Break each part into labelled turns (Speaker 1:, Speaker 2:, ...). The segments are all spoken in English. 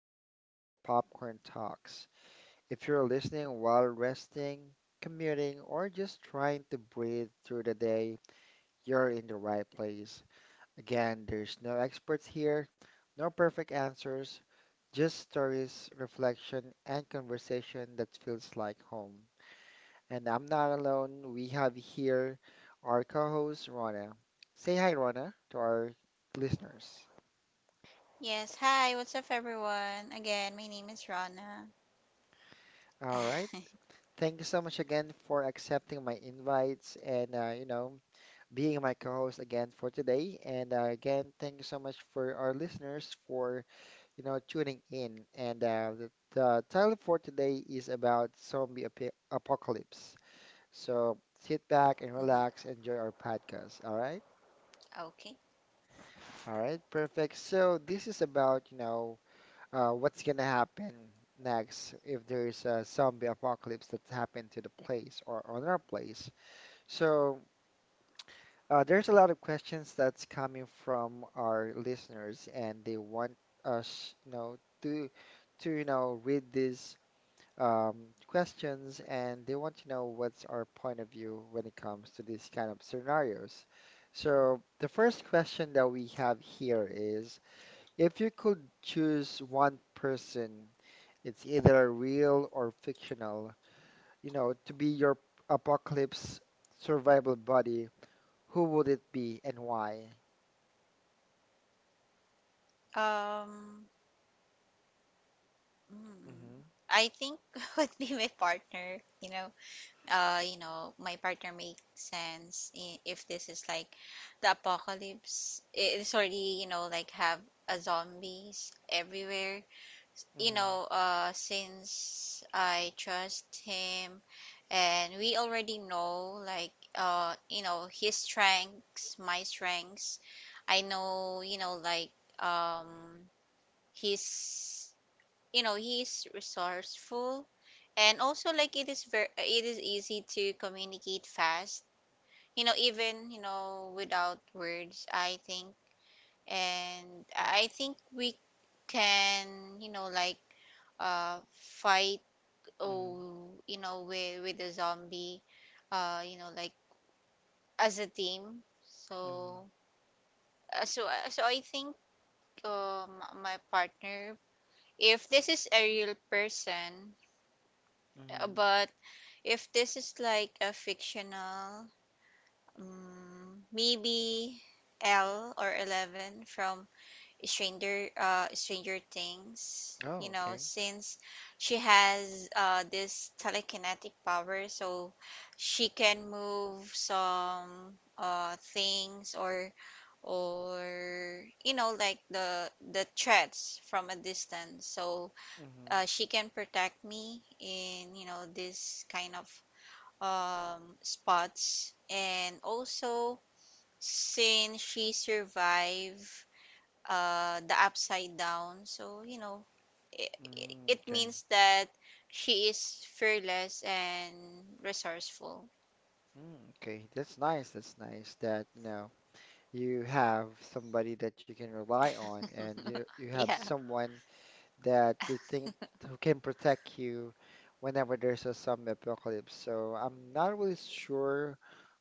Speaker 1: back to the Popcorn Talks. If you're listening while resting, commuting, or just trying to breathe through the day, you're in the right place. Again, there's no experts here, no perfect answers, just stories, reflection, and conversation that feels like home. And I'm not alone, we have here our co host, Rona. Say hi, Rona, to our listeners.
Speaker 2: Yes, hi, what's up everyone? Again, my name is Rana.
Speaker 1: All right. Thank you so much again for accepting my invites and you know being my co-host again for today. And again, thank you so much for our listeners for you know tuning in. And the title for today is about zombie ap apocalypse. So sit back and
Speaker 2: Mhm.
Speaker 1: relax, enjoy our podcast.
Speaker 2: Okay.
Speaker 1: All right, perfect. So this is about what's gonna happen next if there's a zombie apocalypse that's happened to the place or on our place. So, there's a lot of questions that's coming from our listeners, and they want us, you know, to to you know read these um, questions, and they want to know what's our point of view when it comes to these kind of scenarios. So, the first question that we have here is, if you could choose one person, it's either real or fictional, you know, to be your apocalypse survival buddy, who would it be and why?
Speaker 2: Um, mm,
Speaker 1: Mm-hmm.
Speaker 2: I think would be my partner. My partner makes sense, if this is like the apocalypse. It's already, like have a zombies everywhere. you
Speaker 1: Mm-hmm.
Speaker 2: know, uh, since I trust him, and we already know, like, his strengths, my strengths. I know, like, um, he's, he's resourceful. And also, like, it is easy to communicate fast. Even, without words, I think, and I think we can, like fight,
Speaker 1: Mm-hmm.
Speaker 2: with the zombie, like as a team.
Speaker 1: Mm-hmm.
Speaker 2: So I think, my partner, if this is a real person.
Speaker 1: Mm-hmm.
Speaker 2: But if this is like a fictional, maybe L or 11 from Stranger Things, you
Speaker 1: Oh,
Speaker 2: know,
Speaker 1: okay.
Speaker 2: since she has this telekinetic power, so she can move some things, or, like the threats from a distance. So
Speaker 1: Mm-hmm.
Speaker 2: she can protect me in, you know, this kind of spots. And also, since she survived, the Upside Down. So, you know, it,
Speaker 1: Mm,
Speaker 2: it
Speaker 1: okay.
Speaker 2: means that she is fearless and resourceful.
Speaker 1: Mm, okay, that's nice. That's nice that, you know, you have somebody that you can rely on, and you
Speaker 2: Yeah.
Speaker 1: have someone that you think who can protect you whenever there's a zombie apocalypse. So I'm not really sure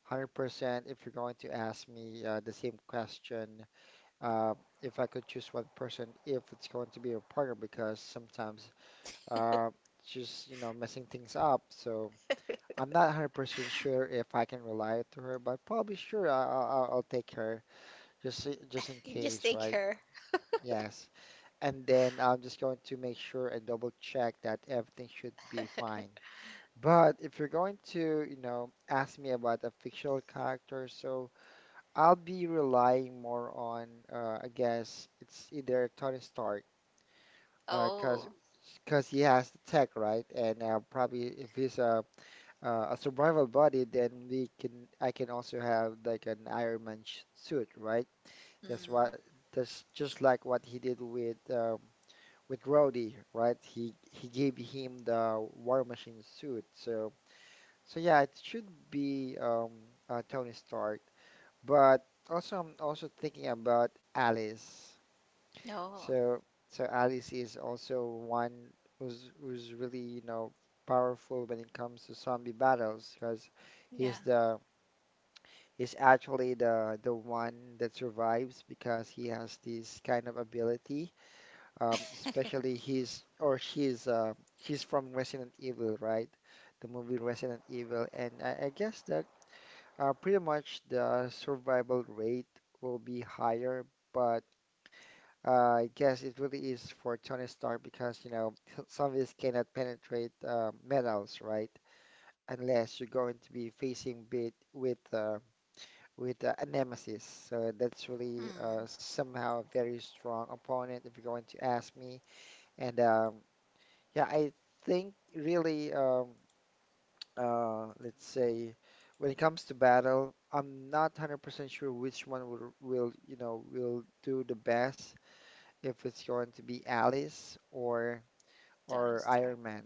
Speaker 1: 100% if you're going to ask me the same question, uh, if I could choose one person, if it's going to be a partner, because sometimes uh, she's, you know, messing things up. So I'm not 100% sure if I can rely to her, but probably sure I'll take her just in
Speaker 2: Just
Speaker 1: case,
Speaker 2: take
Speaker 1: right?
Speaker 2: her.
Speaker 1: Yes. And then I'm just going to make sure and double check that everything should be fine. But if you're going to, you know, ask me about a fictional character, so I'll be relying more on, I guess it's either Tony Stark. Uh, cause,
Speaker 2: Oh.
Speaker 1: cause he has the tech, right? And probably if he's a survival body, then we can I can also have like an Iron Man sh suit, right? That's
Speaker 2: Mm.
Speaker 1: what that's just like what he did with Rhodey, right? He gave him the War Machine suit. So so yeah, it should be Tony Stark. But also I'm also thinking about Alice.
Speaker 2: Oh.
Speaker 1: So so Alice is also one who's really, you know, powerful when it comes to zombie battles because he's
Speaker 2: Yeah.
Speaker 1: the he's actually the one that survives because he has this kind of ability. Especially he's or she's from Resident Evil, right? The movie Resident Evil, and I guess that pretty much the survival rate will be higher, but I guess it really is for Tony Stark because, you know, some of us cannot penetrate metals, right? Unless you're going to be facing bit with a nemesis. So that's really
Speaker 2: Mm.
Speaker 1: somehow a very strong opponent if you're going to ask me. And yeah, I think really, let's say, when it comes to battle, I'm not 100% sure which one you know, will do the best if it's going to be Alice
Speaker 2: Tony
Speaker 1: or
Speaker 2: Stark.
Speaker 1: Iron Man.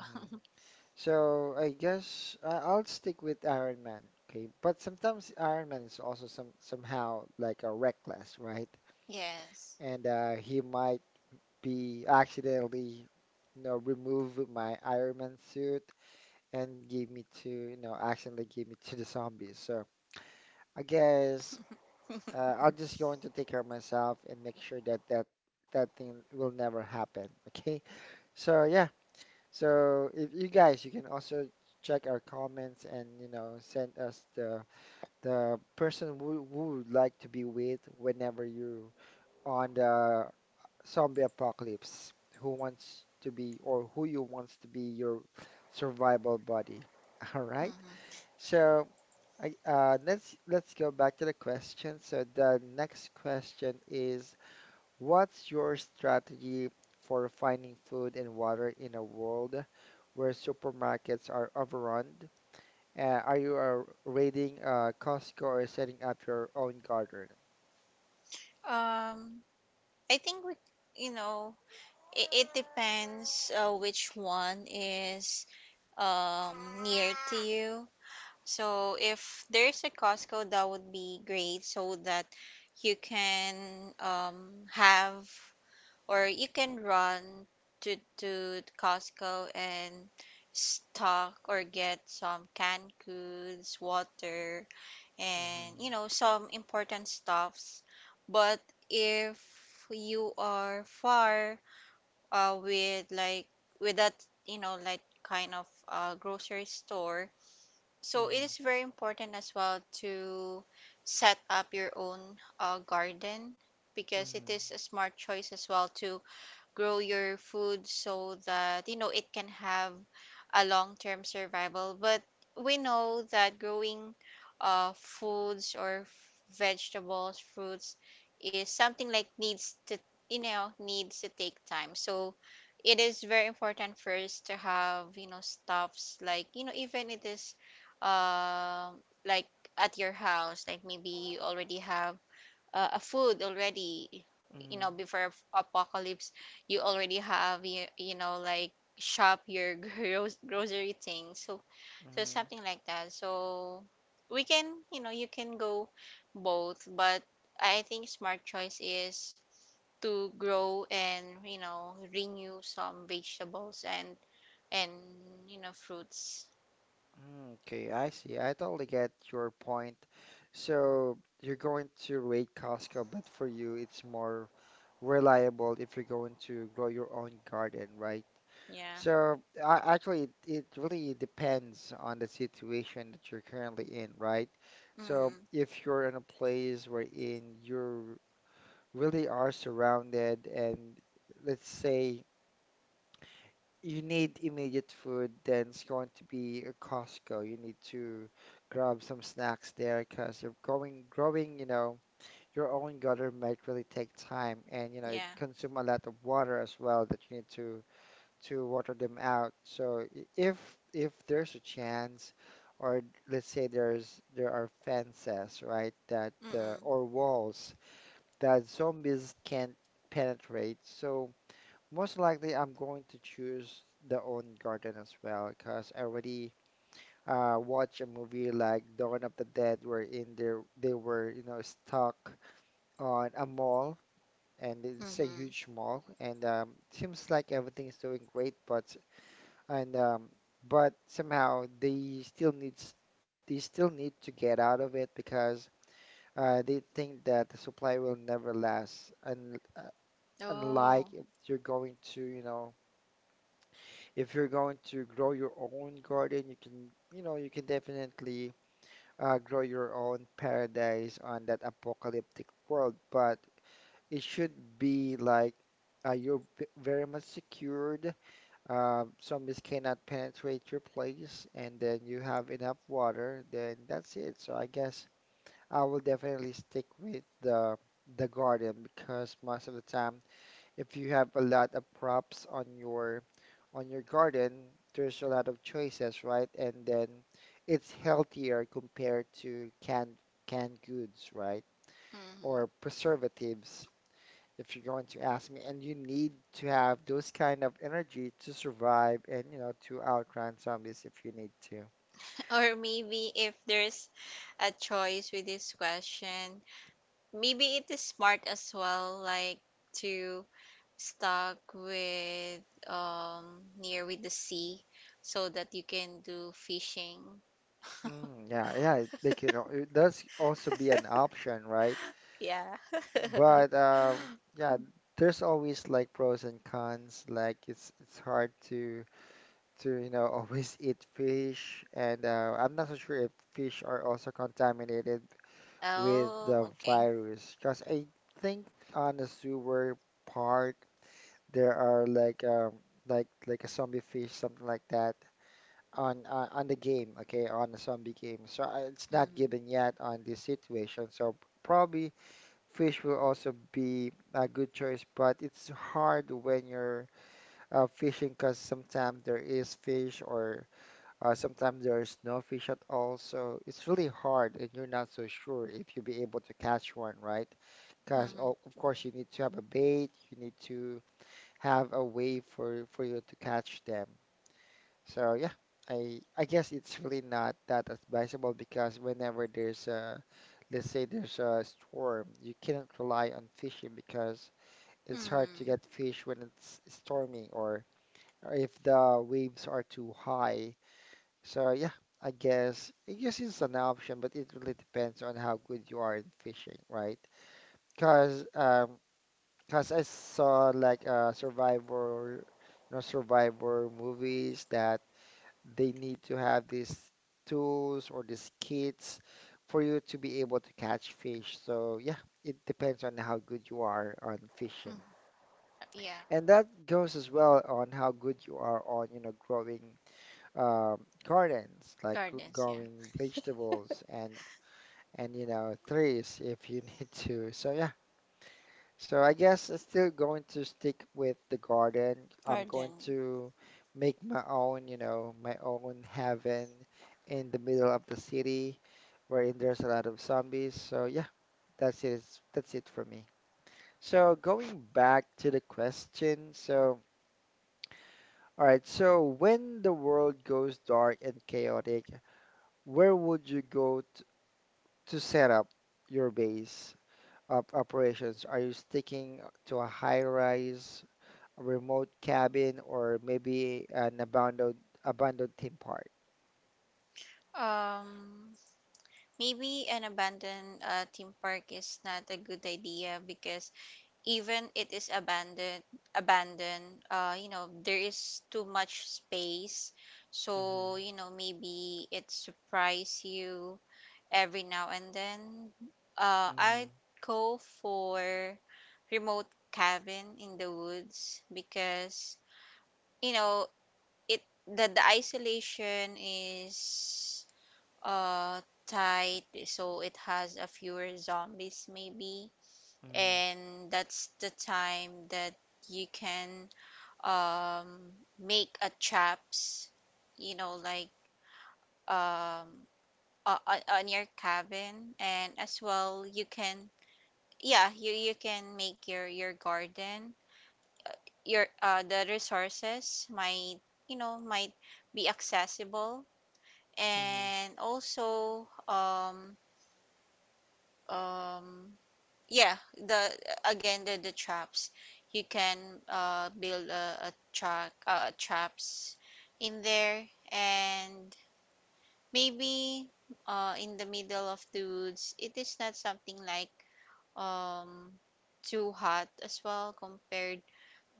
Speaker 1: Mhm. So I guess I'll stick with Iron Man. Okay, but sometimes Iron Man is also somehow like a reckless, right?
Speaker 2: Yes.
Speaker 1: And he might be accidentally, you know, remove my Iron Man suit and give me to, you know, accidentally give me to the zombies. So I guess I'm just going to take care of myself and make sure that that thing will never happen. Okay. So yeah, so if you guys, you can also check our comments and you know send us the person who would like to be with whenever you're on the zombie apocalypse. Who wants to be or who you wants to be your survival buddy? All right.
Speaker 2: Mhm.
Speaker 1: So I, let's go back to the question. So the next question is, what's your strategy for finding food and water in a world where supermarkets are overrun? Are you raiding Costco or setting up your own garden?
Speaker 2: Um, I think you know, it depends, which one is near to you. So if there's a Costco, that would be great, so that you can, have, or you can run to Costco and stock or get some canned goods, water, and
Speaker 1: Mm-hmm.
Speaker 2: some important stuffs. But if you are far, with like with that, like kind of grocery store, so it
Speaker 1: Mm-hmm.
Speaker 2: is very important as well to set up your own, garden, because
Speaker 1: Mm-hmm.
Speaker 2: it is a smart choice as well to grow your food, so that it can have a long-term survival. But we know that growing foods or vegetables, fruits is something like needs to, needs to take time. So it is very important first to have, stuffs like, even it is, um like at your house, like maybe you already have a food already,
Speaker 1: Mm-hmm.
Speaker 2: before apocalypse, you already have, like shop your grocery thing, so something like that. So we can, you can go both. But I think smart choice is to grow and, renew some vegetables, and fruits.
Speaker 1: Mm-hmm. Okay, I see. I totally get your point. So you're going to raid Costco, but for you, it's more reliable if you're going to grow your own garden, right?
Speaker 2: Yeah.
Speaker 1: So I, actually, it really depends on the situation that you're currently in, right? So
Speaker 2: Mm.
Speaker 1: if you're in a place wherein you really are surrounded and let's say you need immediate food, then it's going to be a Costco. You need to grab some snacks there because you're going growing, you know, your own garden might really take time and you know, it
Speaker 2: Yeah.
Speaker 1: consume a lot of water as well that you need to water them out. So if there's a chance, or let's say there are fences, right, that
Speaker 2: Mm. Mm.
Speaker 1: or walls that zombies can't penetrate. So most likely I'm going to choose the own garden as well, because I already watched a movie like Dawn of the Dead, wherein they were you know stuck on a mall. And it's a
Speaker 2: Mm.
Speaker 1: huge mall, and seems like everything is doing great, but and but somehow they still need to get out of it because they think that the supply will never last and
Speaker 2: Oh.
Speaker 1: unlike if you're going to you know if you're going to grow your own garden you can you know you can definitely grow your own paradise on that apocalyptic world, but it should be like you're very much secured. Some zombies cannot penetrate your place, and then you have enough water, then that's it. So I guess I will definitely stick with the garden, because most of the time, if you have a lot of props on your garden, there's a lot of choices, right? And then it's healthier compared to canned goods, right?
Speaker 2: Mm.
Speaker 1: Or preservatives if you're going to ask me. And you need to have those kind of energy to survive and, you know, to outrun zombies if you need to.
Speaker 2: Or maybe if there's a choice with this question, maybe it is smart as well, like to stuck with, near with the sea, so that you can do fishing.
Speaker 1: Mm, yeah, yeah, they can. It does also be an option, right?
Speaker 2: Yeah.
Speaker 1: But yeah, there's always like pros and cons. Like it's hard to you know always eat fish, and I'm not so sure if fish are also contaminated with
Speaker 2: Oh,
Speaker 1: the
Speaker 2: okay.
Speaker 1: virus. Because I think on the sewer part there are like a zombie fish something like that on the game, okay, on the zombie game, so it's not
Speaker 2: Mm-hmm.
Speaker 1: given yet on this situation so probably fish will also be a good choice, but it's hard when you're fishing because sometimes there is fish or sometimes there is no fish at all so it's really hard and you're not so sure if you'll be able to catch one, right? Because
Speaker 2: Mm-hmm.
Speaker 1: of course you need to have a bait, you need to have a way for you to catch them. So yeah, I guess it's really not that advisable because whenever there's a, let's say there's a storm, you cannot rely on fishing because it's hard to
Speaker 2: Mm-hmm.
Speaker 1: get fish when it's stormy or if the waves are too high. So yeah, I guess it's an option, but it really depends on how good you are in fishing, right? Because because I saw like Survivor, you know, Survivor movies that they need to have these tools or these kits for you to be able to catch fish. So yeah, it depends on how good you are on fishing.
Speaker 2: Mm-hmm. Yeah.
Speaker 1: And that goes as well on how good you are on, you know, growing gardens, like
Speaker 2: Gardens, yeah.
Speaker 1: growing vegetables and you know trees if you need to. So yeah, so I guess I'm still going to stick with the garden. I'm going
Speaker 2: Garden.
Speaker 1: to make my own, you know, my own heaven in the middle of the city wherein there's a lot of zombies. So yeah, that's it. That's it for me. So going back to the question. So, all right. So when the world goes dark and chaotic, where would you go to set up your base of operations? Are you sticking to a high rise, a remote cabin, or maybe an abandoned theme park?
Speaker 2: Um, Maybe an abandoned, theme park is not a good idea, because even it is abandoned, there is too much space,
Speaker 1: Mm-hmm.
Speaker 2: so maybe it surprise you every now and then. uh
Speaker 1: Mm-hmm.
Speaker 2: i go for remote cabin in the woods, because, you know it the isolation is uh tight, so it has a fewer zombies maybe.
Speaker 1: Mm-hmm.
Speaker 2: And that's the time that you can, um, make a traps, like, um, on your cabin. And as well you can, yeah, you can make your garden. Your The resources might, might be accessible.
Speaker 1: Mm-hmm.
Speaker 2: And also, um, yeah, the again, the traps, you can build a track traps in there. And maybe, in the middle of the woods, it is not something like um too hot as well compared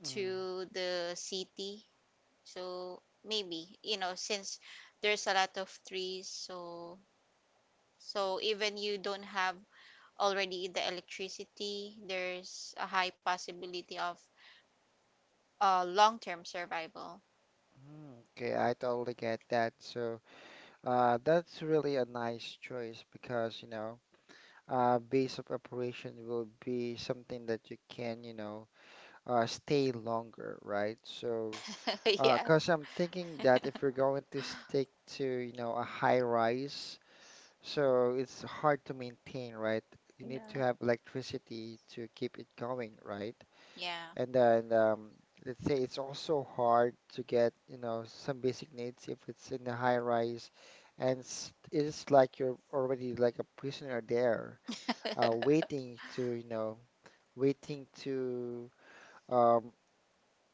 Speaker 2: to the city. So maybe, since there's a lot of trees, so even you don't have already the electricity, there's a high possibility of long-term survival.
Speaker 1: Mm-hmm. Okay, I totally get that. So, that's really a nice choice because, you know, base of operation will be something that you can, you know, stay longer, right?
Speaker 2: Yeah.
Speaker 1: 'Cause I'm thinking that if you're going to stick to, you know, a high rise, so it's hard to maintain, right? You need to
Speaker 2: Yeah.
Speaker 1: have electricity to keep it going, right?
Speaker 2: Yeah.
Speaker 1: And then let's say it's also hard to get, you know, some basic needs if it's in a high rise, and it's like you're already like a prisoner there, waiting to, you know, waiting to, um,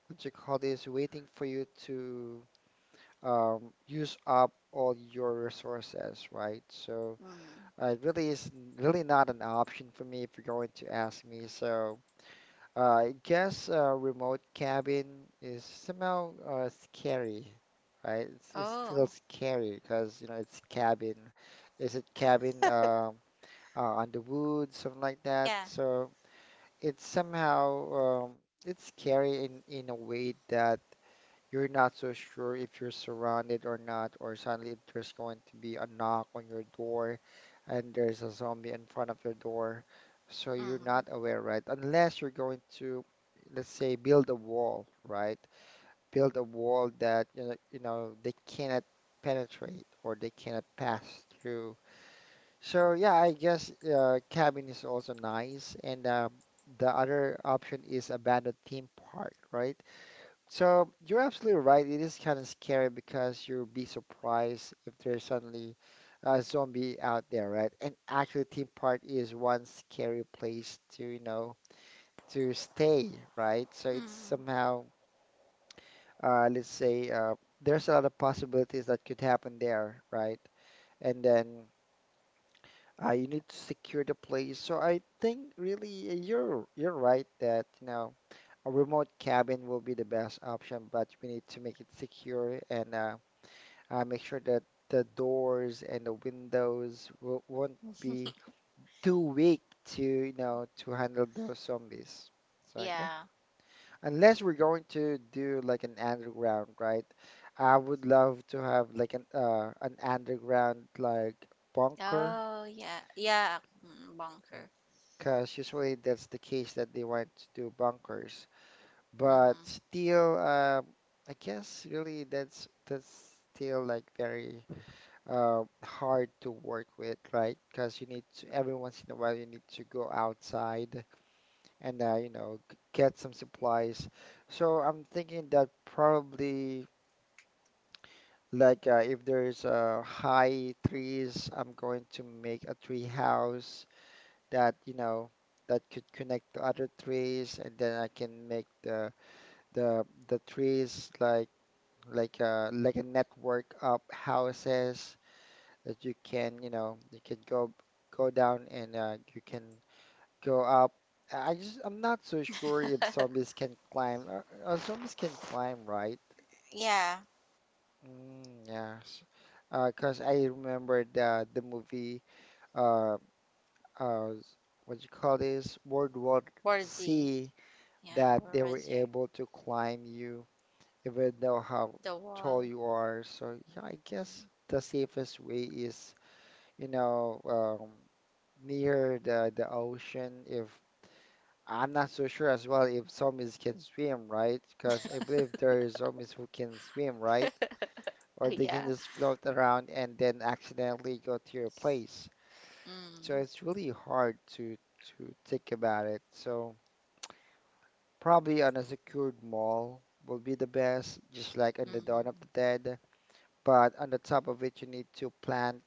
Speaker 1: what you call this, waiting for you to use up all your resources, right? So.
Speaker 2: Mm.
Speaker 1: It really is really not an option for me if you're going to ask me. So uh, I guess remote cabin is somehow scary, right? It's still
Speaker 2: Oh,
Speaker 1: scary because you know it's cabin. Is it cabin on the woods, something like that?
Speaker 2: yeah.
Speaker 1: So it's somehow it's scary in a way that you're not so sure if you're surrounded or not, or suddenly there's going to be a knock on your door and there's a zombie in front of your door. So you're
Speaker 2: Mm.
Speaker 1: not aware, right? Unless you're going to, let's say, build a wall, right? Build a wall that, you know, they cannot penetrate or they cannot pass through. So yeah, I guess cabin is also nice. And the other option is abandoned theme park, right? So you're absolutely right. It is kind of scary because you'll be surprised if there's suddenly a zombie out there, right? And actually, theme park is one scary place to, you know, to stay, right? So it's
Speaker 2: Mm.
Speaker 1: somehow, let's say, there's a lot of possibilities that could happen there, right? And then you need to secure the place. So I think really you're right that, you know, a remote cabin will be the best option, but we need to make it secure and make sure that the doors and the windows won't be too weak to, you know, to handle those zombies. So yeah,
Speaker 2: Yeah.
Speaker 1: unless we're going to do like an underground, right? I would love to have like an underground like bunker,
Speaker 2: Oh, yeah. Yeah. Mm, bunker.
Speaker 1: because usually that's the case that they want to do bunkers. But
Speaker 2: Mm-hmm.
Speaker 1: still, I guess really that's still like very hard to work with, right? Because you need to, every once in a while, you need to go outside and, you know, get some supplies. So I'm thinking that probably, like, if there's high trees, I'm going to make a tree house that, you know, that could connect to other trees, and then I can make the trees like like a network of houses that you can, you know, you can go down and you can go up. I'm not so sure if zombies can climb. Zombies can climb, right?
Speaker 2: Yeah.
Speaker 1: Mm, yes. 'Cause I remember the movie uh uh s- what you call this, World War
Speaker 2: Warzy.
Speaker 1: C,
Speaker 2: Yeah,
Speaker 1: that they were
Speaker 2: Warzy.
Speaker 1: able to climb you even though how
Speaker 2: The
Speaker 1: tall
Speaker 2: wall.
Speaker 1: you are. So yeah, I guess
Speaker 2: Mm.
Speaker 1: the safest way is you know um near the ocean if I'm not so sure as well if zombies can swim, right? Because I believe there are zombies who can swim, right? Or they can
Speaker 2: Yeah.
Speaker 1: just float around and then accidentally go to your place. So
Speaker 2: Mm.
Speaker 1: it's really hard to think about it. So probably on a secured mall will be the best, just like on the Dawn
Speaker 2: Mm.
Speaker 1: of the Dead. But on the top of it, you need to plant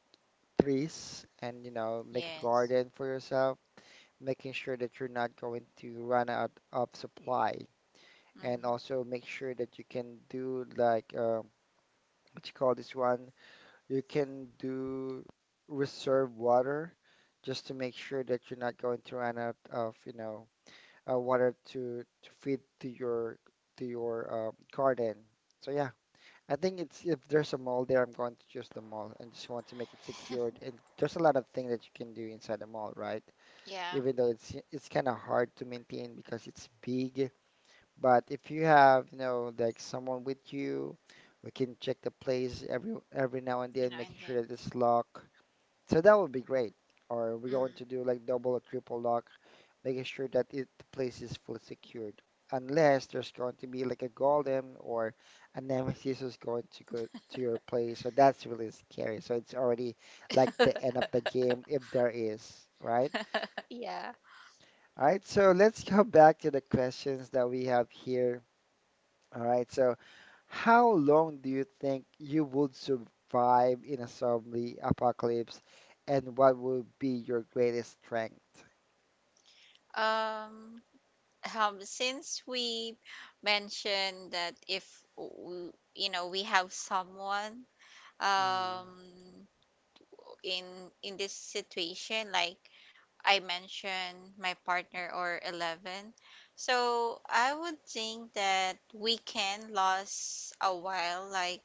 Speaker 1: trees and you know make a
Speaker 2: Yes.
Speaker 1: garden for yourself making sure that you're not going to run out of supply. And
Speaker 2: Mm.
Speaker 1: also make sure that you can do like what you call this one, you can do reserve water just to make sure that you're not going to run out of, you know, water to feed to your garden. So yeah, I think it's if there's a mall there, I'm going to choose the mall and just want to make it secured. And there's a lot of things that you can do inside the mall, right?
Speaker 2: Yeah.
Speaker 1: Even though it's kind of hard to maintain because it's big. But if you have, you know, like someone with you, we can check the place every now and
Speaker 2: You
Speaker 1: then,
Speaker 2: know,
Speaker 1: making
Speaker 2: and
Speaker 1: sure
Speaker 2: then.
Speaker 1: that it's locked. So that would be great. Or we're going to
Speaker 2: Mm.
Speaker 1: do like double or triple lock, making sure that it the place is fully secured. Unless there's going to be like a golem or a nemesis who's going to go to your place. So that's really scary. So it's already like the end of the game if there is, right?
Speaker 2: Yeah.
Speaker 1: All right, so let's go back to the questions that we have here. All right, so how long do you think you would survive in a zombie apocalypse, and what would be your greatest strength?
Speaker 2: Um. Since we mentioned that if, we have someone,
Speaker 1: Mm,
Speaker 2: um in in this situation, like I mentioned, my partner or 11. So I would think that we can last a while, like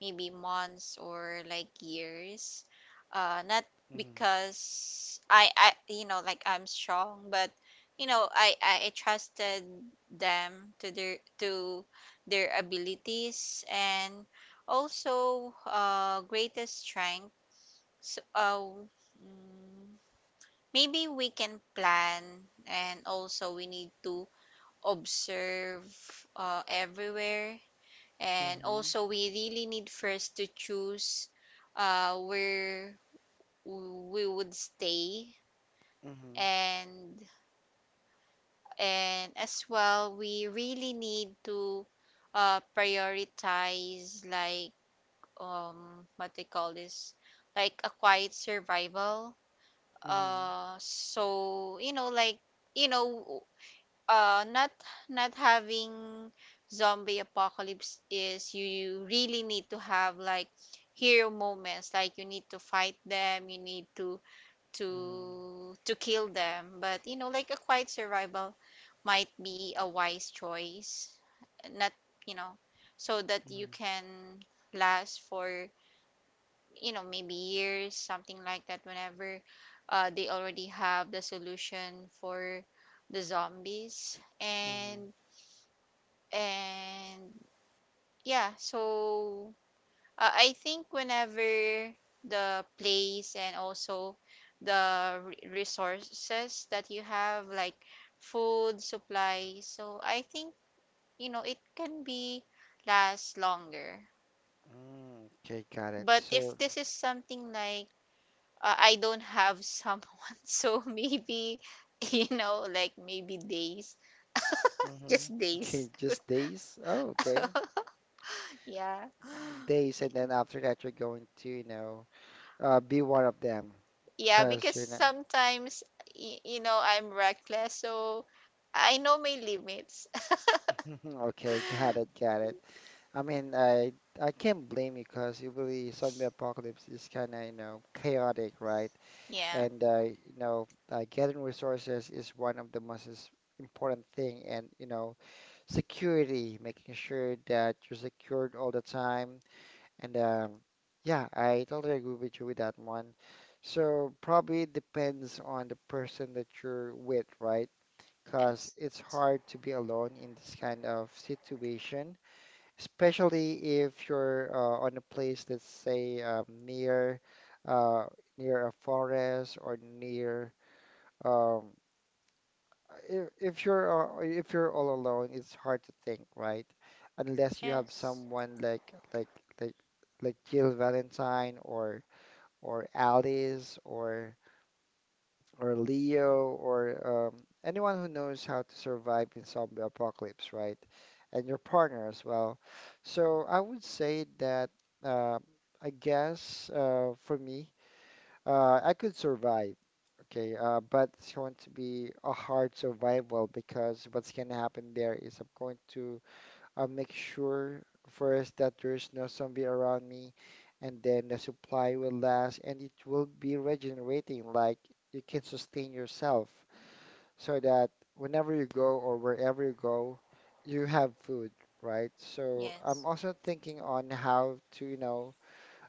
Speaker 2: maybe months or like years. Not
Speaker 1: mm,
Speaker 2: because I, like I'm strong, but, I trusted them to their abilities, and also greatest strength. So, uh, mm, Maybe we can plan, and also we need to observe, everywhere, and
Speaker 1: mhm,
Speaker 2: also we really need first to choose, where we would stay.
Speaker 1: mhm,
Speaker 2: And and as well we really need to, prioritize like, what they call this, like a quiet survival.
Speaker 1: mhm,
Speaker 2: So, like, you know uh not not having zombie apocalypse is, you really need to have like hero moments, like you need to fight them, you need to
Speaker 1: mhm,
Speaker 2: to kill them. But, like a quiet survival might be a wise choice. Not, you know so that you
Speaker 1: mhm,
Speaker 2: can last for, maybe years, something like that, whenever, they already have the solution for the zombies.
Speaker 1: mhm,
Speaker 2: And and yeah so uh, i think, whenever the place and also the resources that you have like food supplies, so I think, it can be last longer.
Speaker 1: mm. Okay, got it.
Speaker 2: But
Speaker 1: So,
Speaker 2: if this is something like, I don't have someone, so maybe like maybe days.
Speaker 1: mhm.
Speaker 2: Just days.
Speaker 1: Okay, just days? Oh, okay.
Speaker 2: Yeah.
Speaker 1: Uh, Days, and then after that, you're going to, you know, be one of them
Speaker 2: Yeah,
Speaker 1: because
Speaker 2: because
Speaker 1: you're not.
Speaker 2: sometimes, I'm reckless, so I know my limits.
Speaker 1: Okay, got it, got it. I mean, I can't blame you because you usually zombie apocalypse is kind of, you know, chaotic, right?
Speaker 2: Yeah.
Speaker 1: And you know, getting resources is one of the most important thing, and you know, security, making sure that you're secured all the time. And yeah, I totally agree with you with that one. So probably it depends on the person that you're with, right? Because
Speaker 2: Yes.
Speaker 1: it's hard to be alone in this kind of situation, especially if you're on a place that's say near uh, near a forest or near um, if you're all alone, it's hard to think, right? Unless you have
Speaker 2: Yes.
Speaker 1: someone like like Jill Valentine or Alice or Leo or anyone who knows how to survive in zombie apocalypse, right? And your partner as well. So I would say that uh, I guess for me, I could survive. Okay, but it's going to be a hard survival because what's going to happen there is I'm going to I'll make sure first that there's no zombie around me, and then the supply will last and it will be regenerating. Like you can sustain yourself so that whenever you go or wherever you go, you have food, right? So
Speaker 2: Yes.
Speaker 1: I'm also thinking on how to, you know,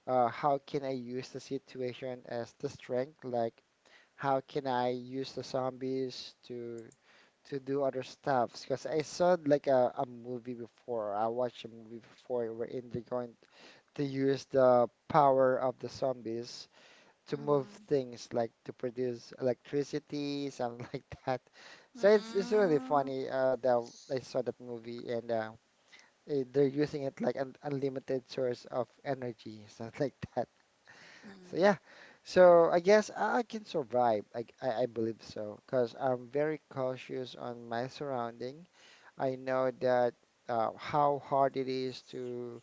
Speaker 1: how can I use the situation as the strength? Like, how can I use the zombies to do other stuff because I saw like a movie before. I watched a movie before wherein they're going to use the power of the zombies to move
Speaker 2: Mhm.
Speaker 1: things like to produce electricity, something like that. So it's really
Speaker 2: Mm.
Speaker 1: funny that I saw that movie and they're using it like an unlimited source of energy, something like that. So
Speaker 2: Mhm.
Speaker 1: yeah, so I guess I can survive. I believe so because I'm very cautious on my surroundings. I know that how hard it is to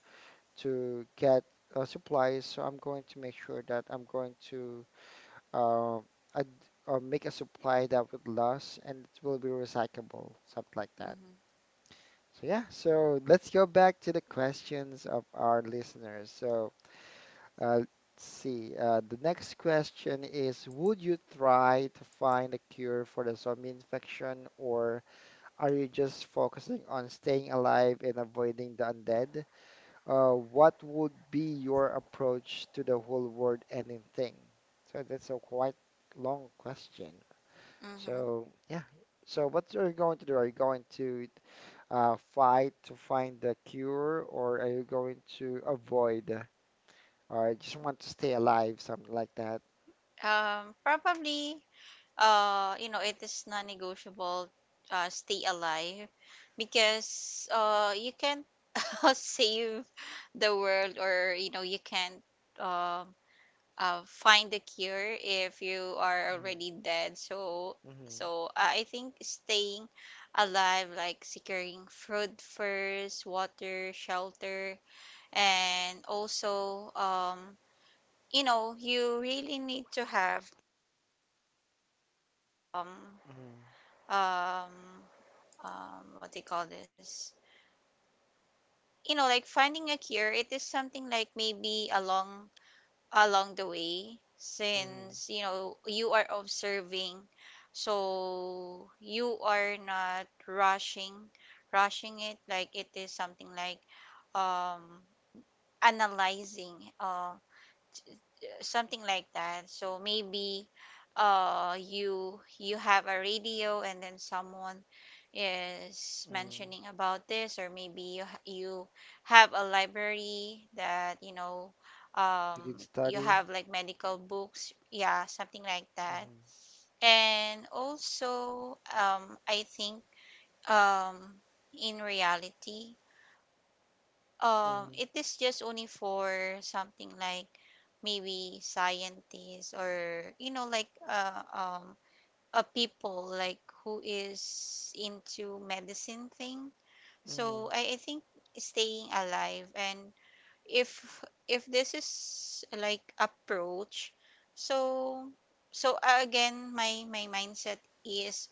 Speaker 1: get supplies, so I'm going to make sure that I'm going to uh, ad make a supply that would last and it will be recyclable, something like that.
Speaker 2: Mhm.
Speaker 1: So yeah, so let's go back to the questions of our listeners. So let's see, the next question is, would you try to find a cure for the zombie infection or are you just focusing on staying alive and avoiding the undead? What would be your approach to the whole world ending thing? So that's a quite long question.
Speaker 2: Mhm.
Speaker 1: So yeah. So what are you going to do? Are you going to fight to find the cure, or are you going to avoid, or I just want to stay alive, something like that?
Speaker 2: Probably. You know, it is non-negotiable. Stay alive, because, you can't save the world, or, you can't, um find a cure if you are
Speaker 1: Mm-hmm,
Speaker 2: already dead. So,
Speaker 1: hmm,
Speaker 2: so uh, I think staying alive, like securing food first, water, shelter, and also, you know, you really need to have, um, um, what they call this? You know, like finding a cure. It is something like maybe a long. Along the way,
Speaker 1: hmm,
Speaker 2: since, you are observing, so you are not rushing it, like it is something like, um analyzing, something like that. So maybe, you have a radio and then someone is
Speaker 1: hmm.
Speaker 2: mentioning about this, or maybe you have a library that,
Speaker 1: You can
Speaker 2: you
Speaker 1: study.
Speaker 2: have like medical books, yeah, something like that.
Speaker 1: Mm-hmm,
Speaker 2: And also, I think, um in reality,
Speaker 1: mm-hmm,
Speaker 2: it is just only for something like maybe scientists, or, like a people like who is into medicine thing.
Speaker 1: mm-hmm.
Speaker 2: So I think staying alive. And if if this is like approach, so again, my mindset is,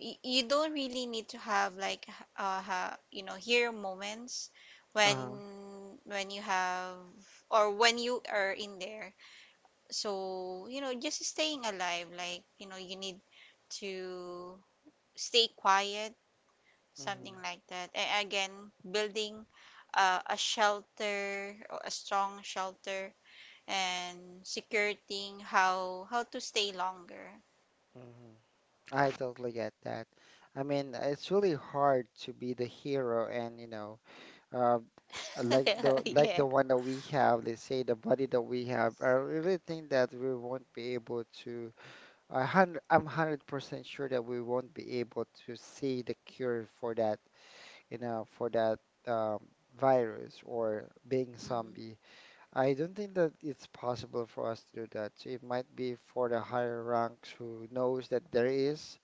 Speaker 2: you don't really need to have like, h- ha, you know hero moments when,
Speaker 1: Uh-huh.
Speaker 2: you have, or when you are in there. So, just staying alive, like, you need to stay quiet, something
Speaker 1: Mhm,
Speaker 2: like that. And again, building a shelter, or a strong shelter, and securing how to stay longer.
Speaker 1: mhm. I totally get that. I mean, it's really hard to be the hero and, you know, uh, like
Speaker 2: Yeah.
Speaker 1: the one that we have, let's say the body that we have. I really think that we won't be able to. I'm 100% sure that we won't be able to see the cure for that, you know, for that um, virus or being
Speaker 2: Hmm.
Speaker 1: zombie. I don't think that it's possible for us to do that. So it might be for the higher ranks who knows that there is,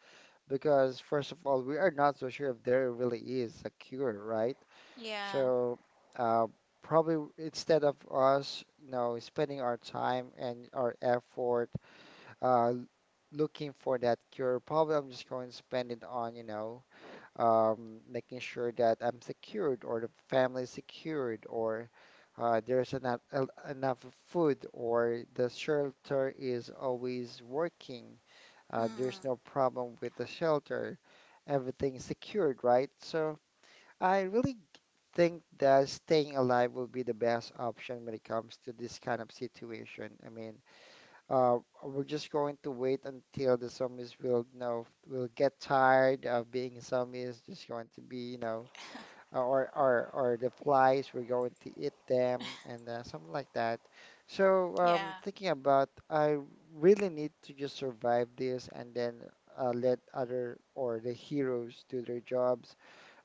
Speaker 1: because first of all, we are not so sure if there really is a cure, right?
Speaker 2: Yeah.
Speaker 1: So uh, probably instead of us, spending our time and our effort uh, looking for that cure, probably I'm just going to spend it on, making sure that I'm secured or the family is secured or there's enough, enough food or the shelter is always working. There's no
Speaker 2: Hmm.
Speaker 1: problem with the shelter. Everything's secured, right? So I really think that staying alive will be the best option when it comes to this kind of situation. I mean, uh, we're just going to wait until the zombies will, will get tired of being zombies. Just going to be, or the flies. We're going to eat them and something like that. So
Speaker 2: Yeah.
Speaker 1: thinking about, I really need to just survive this and then let other or the heroes do their jobs.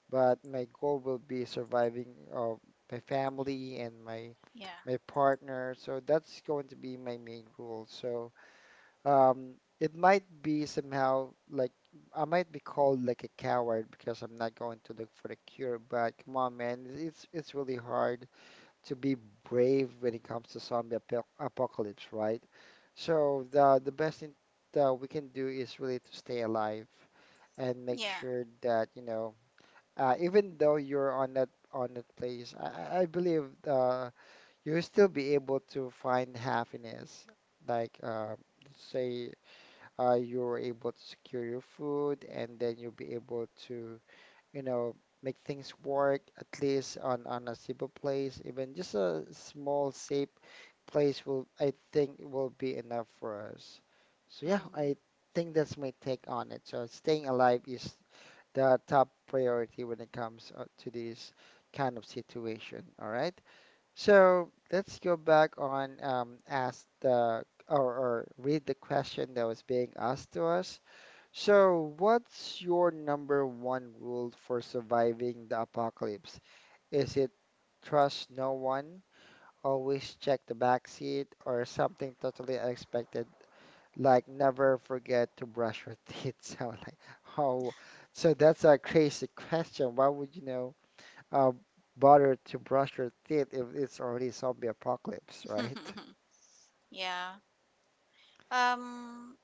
Speaker 1: But my goal will be surviving of my family and my
Speaker 2: Yeah.
Speaker 1: my partner. So that's going to be my main rule. So it might be somehow like I might be called like a coward because I'm not going to look for the cure, but come on, man, it's really hard to be brave when it comes to zombie apocalypse, right? So the best thing that we can do is really to stay alive and make
Speaker 2: Yeah.
Speaker 1: sure that, even though you're on that place, I believe you'll still be able to find happiness. Like say you're able to secure your food and then you'll be able to, you know, make things work at least on a simple place. Even just a small, safe place will, I think, will be enough for us. So yeah,
Speaker 2: Hmm.
Speaker 1: I think that's my take on it. So staying alive is the top priority when it comes to this kind of situation. All right. So let's go back on ask the or read the question that was being asked to us. So, what's your number one rule for surviving the apocalypse? Is it trust no one, always check the back seat, or something totally unexpected like never forget to brush your teeth? So like, oh, so that's a crazy question. Why would you know? uh, Bother to brush your teeth if it's already zombie apocalypse, right?
Speaker 2: Yeah. Um,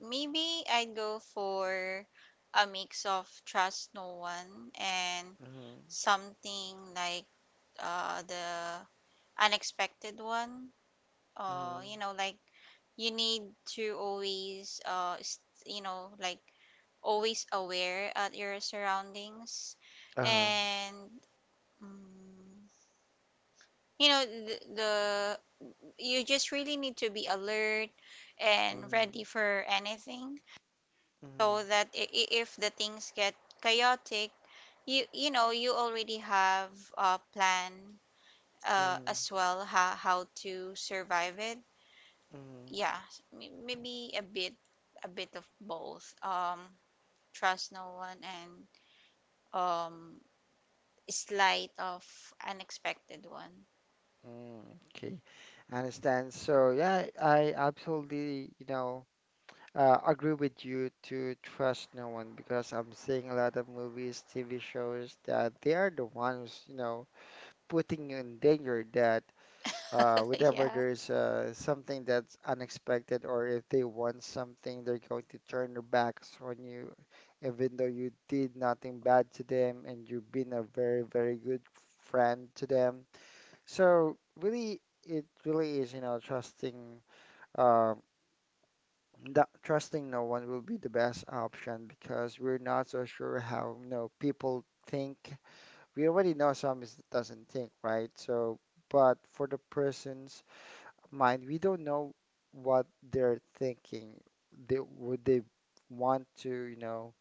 Speaker 2: Maybe I'd go for a mix of trust no one and
Speaker 1: Mm-hmm.
Speaker 2: something like, the unexpected one.
Speaker 1: Mm-hmm.
Speaker 2: You know, like, you need to always, like always aware at your surroundings.
Speaker 1: Uh,
Speaker 2: And, mm, you know, the you just really need to be alert and
Speaker 1: Mm-hmm.
Speaker 2: ready for anything,
Speaker 1: Mm-hmm.
Speaker 2: so that, if the things get chaotic, you know you already have a plan,
Speaker 1: Mm-hmm.
Speaker 2: as well, how to survive it.
Speaker 1: Mm-hmm.
Speaker 2: Yeah. Maybe a bit, of both, trust no one, and, um slight of unexpected one.
Speaker 1: mm, okay, I understand. So yeah, I absolutely, agree with you to trust no one because I'm seeing a lot of movies, TV shows that they are the ones, putting you in danger that whenever
Speaker 2: Yeah.
Speaker 1: there's something that's unexpected or if they want something, they're going to turn their backs on you, even though you did nothing bad to them and you've been a very, very good friend to them. So really, it really is, uh, trusting no one will be the best option because we're not so sure how, people think. We already know some is doesn't think, right? So, but for the persons mind, we don't know what they're thinking. They, would they want to, you know,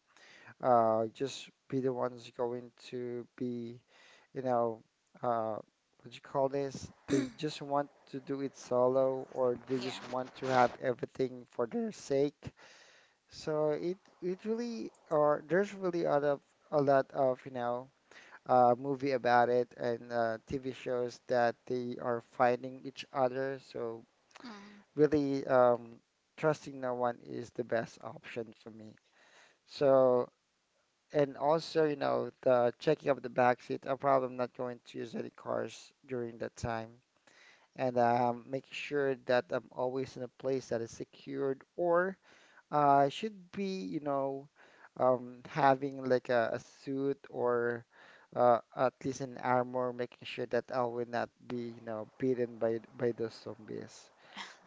Speaker 1: uh, just be the ones going to be, you know, uh, what you call this? They just want to do it solo, or they
Speaker 2: Yeah.
Speaker 1: just want to have everything for their sake. So it really, or there's really a lot of, you know, movie about it and TV shows that they are fighting each other. So
Speaker 2: Mm.
Speaker 1: really trusting no one is the best option for me. So, and also, the checking of the back seat, I probably not going to use any cars during that time. And making sure that I'm always in a place that is secured or should be, having like a suit or at least an armor, making sure that I will not be, beaten by those zombies.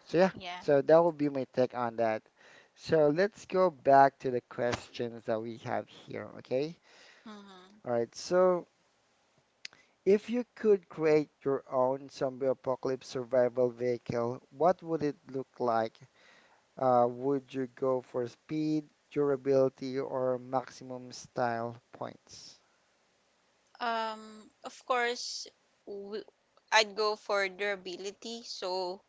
Speaker 1: So yeah,
Speaker 2: Yeah.
Speaker 1: so that would be my take on that. So let's go back to the questions that we have here, okay?
Speaker 2: Mm-hmm.
Speaker 1: All right, so if you could create your own zombie apocalypse survival vehicle, what would it look like? Would you go for speed, durability, or maximum style points?
Speaker 2: Of course, w- I'd go for durability. So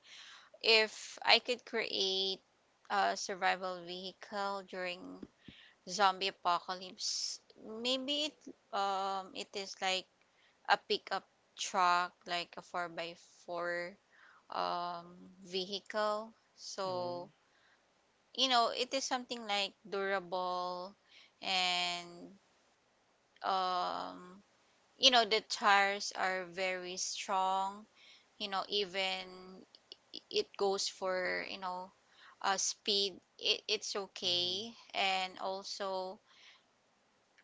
Speaker 2: if I could create a survival vehicle during zombie apocalypse, maybe it is like a pickup truck, like a 4 by 4 um vehicle.
Speaker 1: Mm-hmm.
Speaker 2: So, you know, it is something like durable, and um you know, the tires are very strong. You know, even it goes for, speed, it's
Speaker 1: Mm-hmm.
Speaker 2: okay. And also,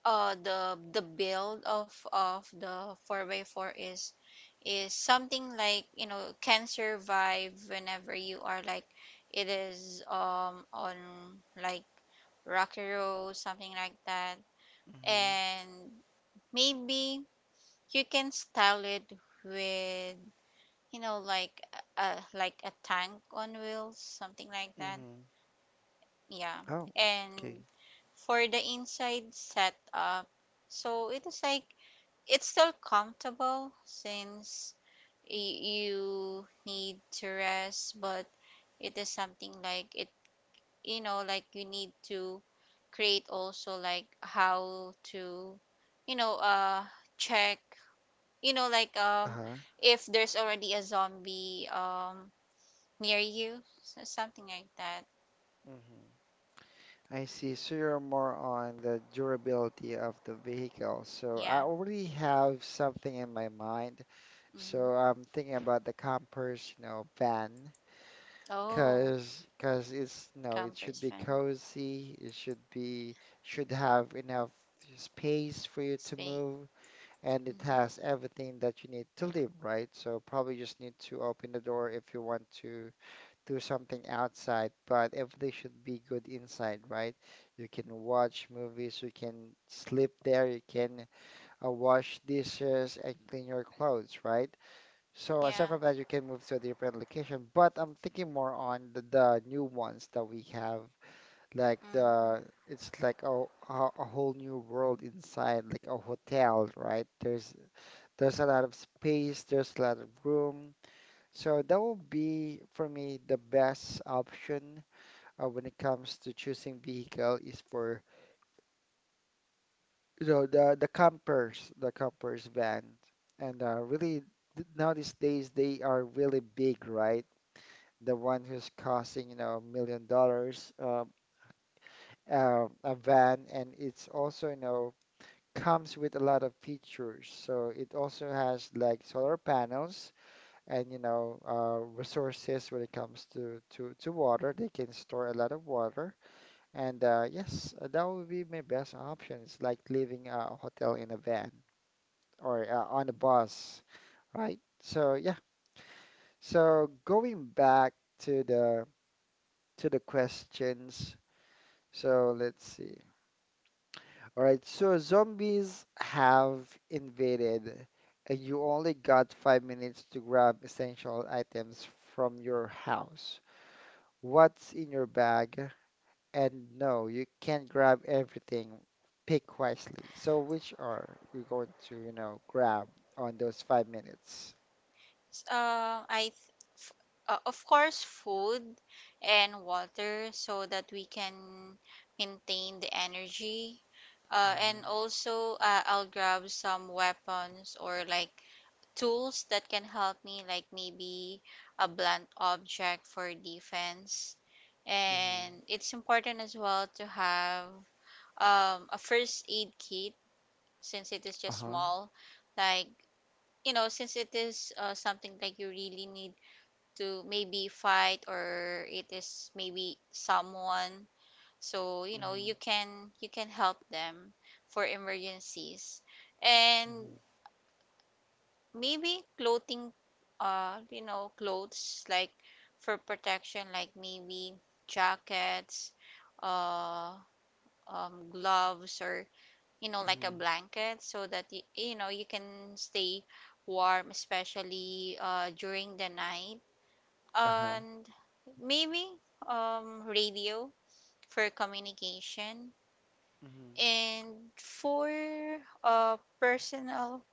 Speaker 2: the build of the four by four is something like, can survive whenever you are like it is on like rocky road, something like that. And maybe you can style it with, like, a like a tank on wheels, something like that.
Speaker 1: Mm-hmm.
Speaker 2: Yeah.
Speaker 1: Oh, okay.
Speaker 2: And for the inside setup. So it is like it's still comfortable since you need to rest, but it is something like it, like you need to create also like how to, you know, uh, check, you know, like um,
Speaker 1: Uh-huh.
Speaker 2: if there's already a zombie near you, so something like that.
Speaker 1: I see. So you're more on the durability of the vehicle. So I
Speaker 2: Yeah.
Speaker 1: already have something in my mind.
Speaker 2: Mm-hmm.
Speaker 1: So I'm thinking about the campers, you know, van,
Speaker 2: Oh,
Speaker 1: cause it's no, it should
Speaker 2: campers
Speaker 1: be
Speaker 2: friend
Speaker 1: cozy. It should be should have enough space for you to
Speaker 2: space.
Speaker 1: move, and
Speaker 2: Mm-hmm.
Speaker 1: it has everything that you need to live, right? So probably just need to open the door if you want to do something outside, but everything should be good inside, right? You can watch movies, you can sleep there, you can wash dishes and clean your clothes, right? So
Speaker 2: Yeah.
Speaker 1: aside from that, you can move to a different location, but I'm thinking more on the new ones that we have, like
Speaker 2: Mm-hmm.
Speaker 1: the it's like a whole new world inside, like a hotel, right? There's a lot of space, there's a lot of room. So that will be for me the best option when it comes to choosing vehicle is for you know the campers, the campers van, and really now these days they are really big, right? The one who's costing you know $1 million, a van, and it's also you know comes with a lot of features. So it also has like solar panels and you know resources when it comes to water. They can store a lot of water. And yes, that would be my best options, like leaving a hotel in a van or on a bus, right? So yeah. So going back to the to the questions. So let's see. All right. So zombies have invaded, and you only got 5 minutes to grab essential items from your house. What's in your bag? And no, you can't grab everything. Pick wisely. So which are you going to, you know, grab on those 5 minutes?
Speaker 2: Uh, I th- f- of course food and water so that we can maintain the energy.
Speaker 1: Mm-hmm.
Speaker 2: And also I'll grab some weapons or like tools that can help me, like maybe a blunt object for defense.
Speaker 1: Mm-hmm.
Speaker 2: And it's important as well to have a first aid kit since it is just
Speaker 1: Uh-huh.
Speaker 2: small. Like, since it is something like you really need to maybe fight, or it is maybe someone, so you know
Speaker 1: Mm-hmm.
Speaker 2: you can help them for emergencies. And
Speaker 1: Mm-hmm.
Speaker 2: maybe clothing, you know, clothes like for protection, like maybe jackets, uh gloves, or you know, like a
Speaker 1: Mm-hmm.
Speaker 2: blanket so that you know, you can stay warm, especially during the night.
Speaker 1: Uh-huh.
Speaker 2: And maybe radio for communication,
Speaker 1: Mm-hmm.
Speaker 2: and for personal,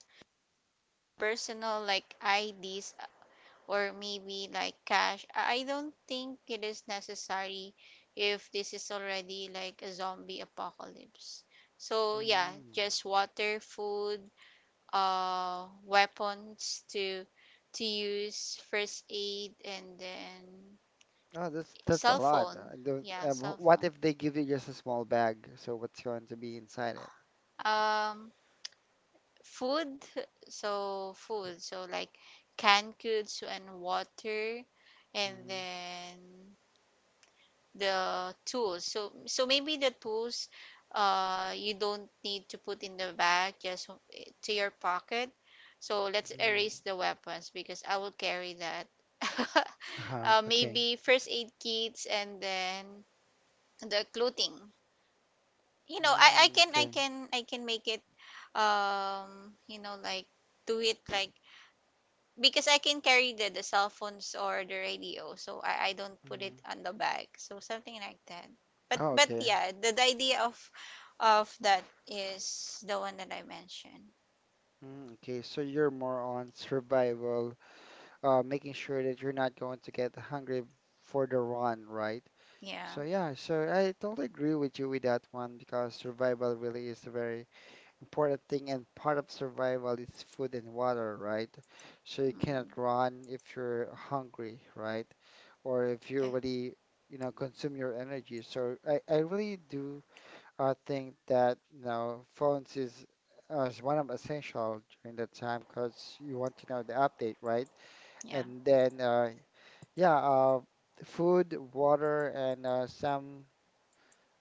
Speaker 2: like IDs or maybe like cash. I don't think it is necessary if this is already like a zombie apocalypse. So yeah,
Speaker 1: Mm-hmm.
Speaker 2: just water, food, weapons to use, first aid, and then
Speaker 1: Oh, that's a
Speaker 2: cell
Speaker 1: lot.
Speaker 2: phone.
Speaker 1: I don't,
Speaker 2: Yeah, cell
Speaker 1: what
Speaker 2: phone,
Speaker 1: if they give you just a small bag? So what's going to be inside it?
Speaker 2: um food, so food, so like canned goods and water. And
Speaker 1: Mm-hmm.
Speaker 2: then the tools, maybe the tools you don't need to put in the bag, just to your pocket. So let's
Speaker 1: Mm-hmm.
Speaker 2: erase the weapons because I will carry that.
Speaker 1: Uh-huh. Okay.
Speaker 2: Maybe first aid kits, and then the clothing, you know,
Speaker 1: Mm-hmm. Okay.
Speaker 2: I can make it, you know, like do it like, because I can carry the cell phones or the radio, so I don't put
Speaker 1: Mm.
Speaker 2: it on the bag. So something like that. But
Speaker 1: Oh,
Speaker 2: but
Speaker 1: okay.
Speaker 2: yeah, the idea of that is the one that I mentioned.
Speaker 1: Mm, okay. So you're more on survival making sure that you're not going to get hungry for the run, right?
Speaker 2: Yeah.
Speaker 1: So yeah, so I totally agree with you with that one because survival really is a very important thing, and part of survival is food and water, right? So you
Speaker 2: Hmm.
Speaker 1: cannot run if you're hungry, right? Or if you
Speaker 2: Yeah.
Speaker 1: already, consume your energy. So I really do think that, phones is as one of essential during that time because you want to know the update, right?
Speaker 2: Yeah.
Speaker 1: And then yeah, food, water, and some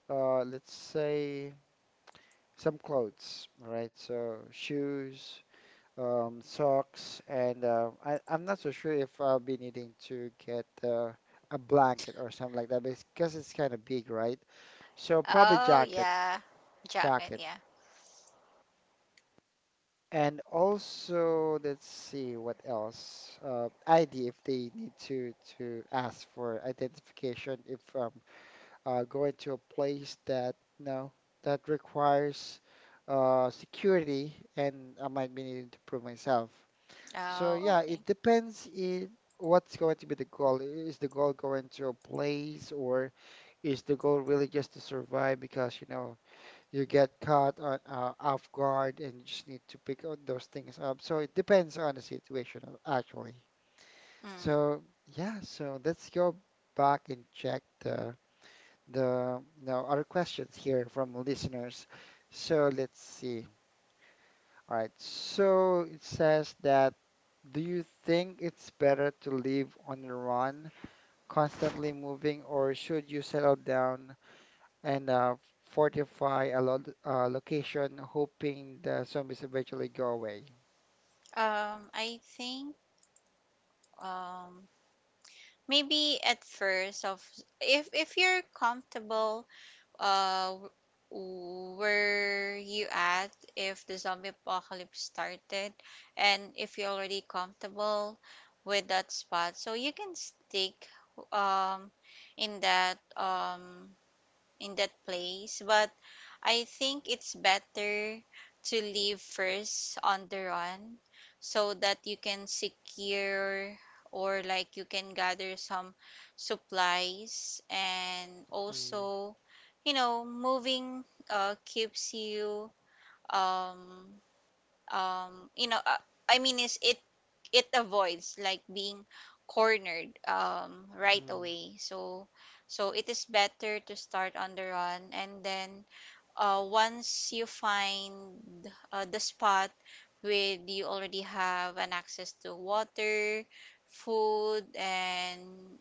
Speaker 1: let's say some clothes, right? So shoes, socks, and I'm not so sure if I'll be needing to get a blanket or something like that because it's kind of big, right? So probably
Speaker 2: Oh
Speaker 1: jacket,
Speaker 2: yeah. Jacket,
Speaker 1: jacket.
Speaker 2: yeah.
Speaker 1: And also, let's see what else. ID if they need to ask for identification if going to a place that you know that requires security, and I might be needing to prove myself. So
Speaker 2: Oh,
Speaker 1: yeah,
Speaker 2: okay.
Speaker 1: it depends in what's going to be the goal. Is the goal going to a place, or is the goal really just to survive? Because you know you get caught on off guard, and you just need to pick out those things up. So it depends on the situation, actually.
Speaker 2: Mm.
Speaker 1: So yeah, so let's go back and check the now other questions here from listeners. So let's see. All right. So it says that do you think it's better to live on the run, constantly moving, or should you settle down and fortify a lot location, hoping the zombies eventually go away?
Speaker 2: I think, um maybe at first, of if you're comfortable uh, were you at, if the zombie apocalypse started, and if you're already comfortable with that spot, so you can stick um in that um in that place. But I think it's better to leave first on the run so that you can secure, or like you can gather some supplies. And
Speaker 1: Mm,
Speaker 2: also you know moving keeps you um you know, is it, it avoids like being cornered right
Speaker 1: mm,
Speaker 2: away. So so it is better to start on the run, and then once you find the spot where you already have an access to water, food, and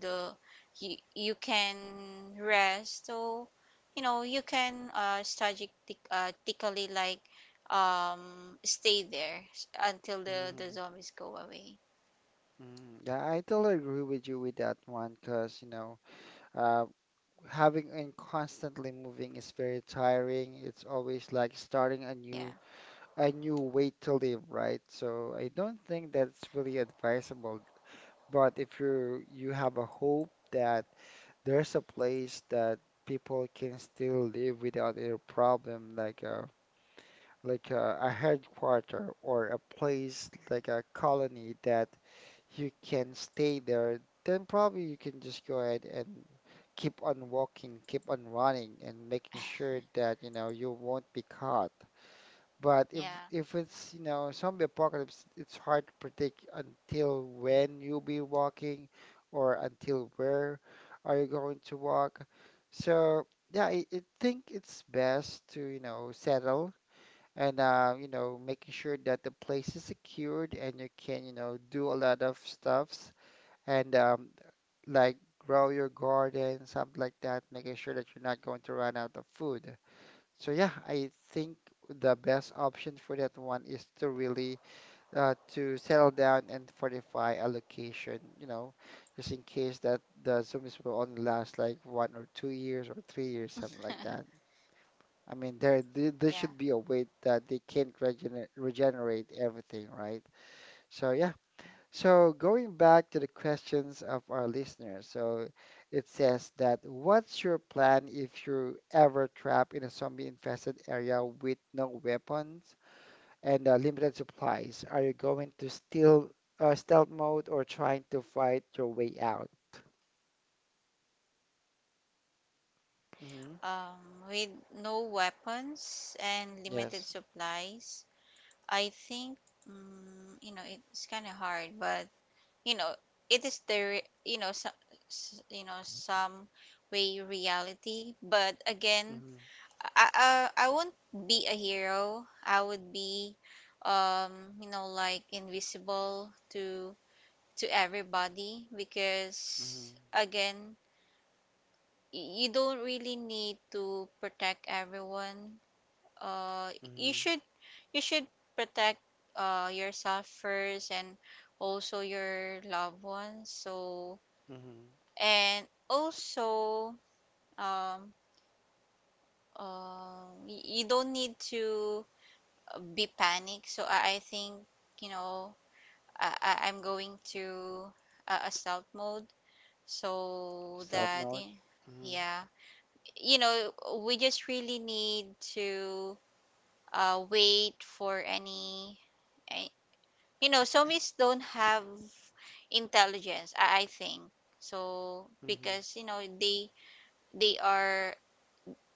Speaker 2: the you, you can rest. So you know you can strategically like stay there until the
Speaker 1: mm,
Speaker 2: zombies go away.
Speaker 1: mm. Yeah, I totally agree with you with that one, cause you know, uh, having and constantly moving is very tiring. It's always like starting
Speaker 2: Yeah,
Speaker 1: a new way to live, right? So I don't think that's really advisable. But if you have a hope that there's a place that people can still live without a problem, like a like a headquarter or a place like a colony that you can stay there, then probably you can just go ahead and keep on walking, keep on running, and making sure that you know you won't be caught. But if
Speaker 2: yeah,
Speaker 1: if it's zombie apocalypse, it's hard to predict until when you'll be walking, or until where are you going to walk. So yeah, I think it's best to settle and making sure that the place is secured and you can do a lot of stuff and like grow your garden, something like that, making sure that you're not going to run out of food. So yeah, I think the best option for that one is to really to settle down and fortify a location, just in case that the zombies will only last like 1 or 2 years or 3 years, something like that. I mean, there, there
Speaker 2: yeah.
Speaker 1: should be a way that they can't regenerate everything, right? So yeah, so going back to the questions of our listeners, so it says that what's your plan if you're ever trapped in a zombie-infested area with no weapons and limited supplies? Are you going to stealth mode or trying to fight your way out? Hmm.
Speaker 2: With no weapons and limited
Speaker 1: Yes.
Speaker 2: supplies, I think, mm, you know, it's kind of hard, but you know, it is the you know some you know some way reality. But again,
Speaker 1: Hmm.
Speaker 2: I won't be a hero. I would be, you know, like invisible to everybody,
Speaker 1: Hmm.
Speaker 2: because again, you don't really need to protect everyone. uh you
Speaker 1: Hmm.
Speaker 2: should you should protect yourself first, and also your loved ones. So,
Speaker 1: Hmm.
Speaker 2: and also, um you don't need to be panicked. So I think, you know, I'm going to a stealth mode so
Speaker 1: Stealth
Speaker 2: that
Speaker 1: mode. Hmm.
Speaker 2: yeah, you know we just really need to wait for any, you know, somis don't have intelligence, I think, so
Speaker 1: Hmm.
Speaker 2: because you know they are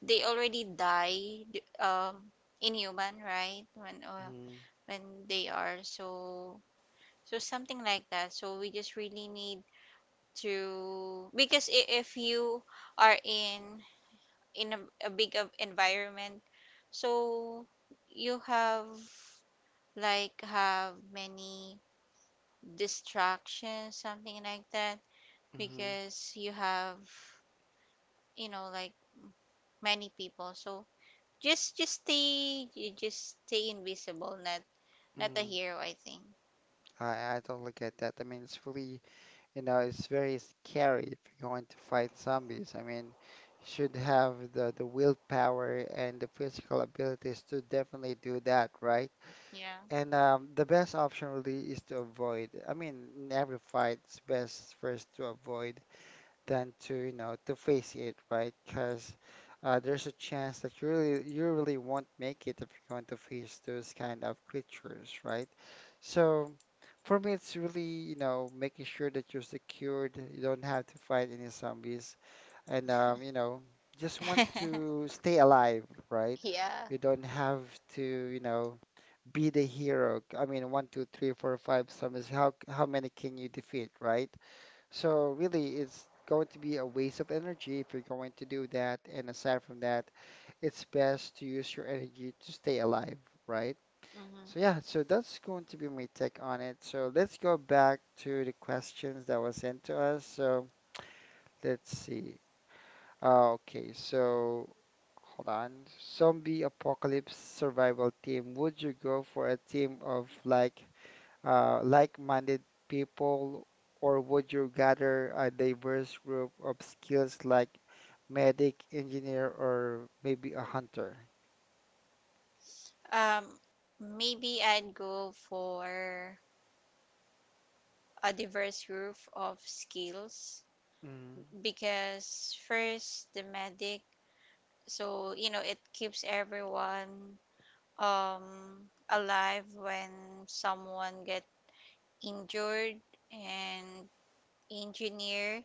Speaker 2: they already die, um inhuman, right, when
Speaker 1: Hmm.
Speaker 2: when they are. So so something like that, so we just really need to, because if you are in a big of environment, so you have like have many distractions, something like that,
Speaker 1: Hmm.
Speaker 2: because you have, you know, like many people. So just stay you just stay invisible, not a
Speaker 1: Hmm.
Speaker 2: hero, I think.
Speaker 1: I totally get that. I mean, it's fully. It's very scary if you're going to fight zombies. I mean, you should have the willpower and the physical abilities to definitely do that, right?
Speaker 2: Yeah.
Speaker 1: And the best option really is to avoid. I mean, in every fight, it's best first to avoid than to to face it, right? Because there's a chance that you really won't make it if you're going to face those kind of creatures, right? So for me, it's really making sure that you're secured, you don't have to fight any zombies, and just want to stay alive, right?
Speaker 2: Yeah.
Speaker 1: You don't have to be the hero. I mean, one, two, three, four, five zombies. How many can you defeat, right? So really, it's going to be a waste of energy if you're going to do that. And aside from that, it's best to use your energy to stay alive, right?
Speaker 2: Hmm.
Speaker 1: So yeah, so that's going to be my take on it. So let's go back to the questions that was sent to us. So let's see. Okay, so hold on. Zombie apocalypse survival team. Would you go for a team of like like-minded people, or would you gather a diverse group of skills like medic, engineer, or maybe a hunter?
Speaker 2: um Maybe I'd go for a diverse group of skills,
Speaker 1: Mm,
Speaker 2: because first the medic, so you know it keeps everyone alive when someone get injured. And engineer,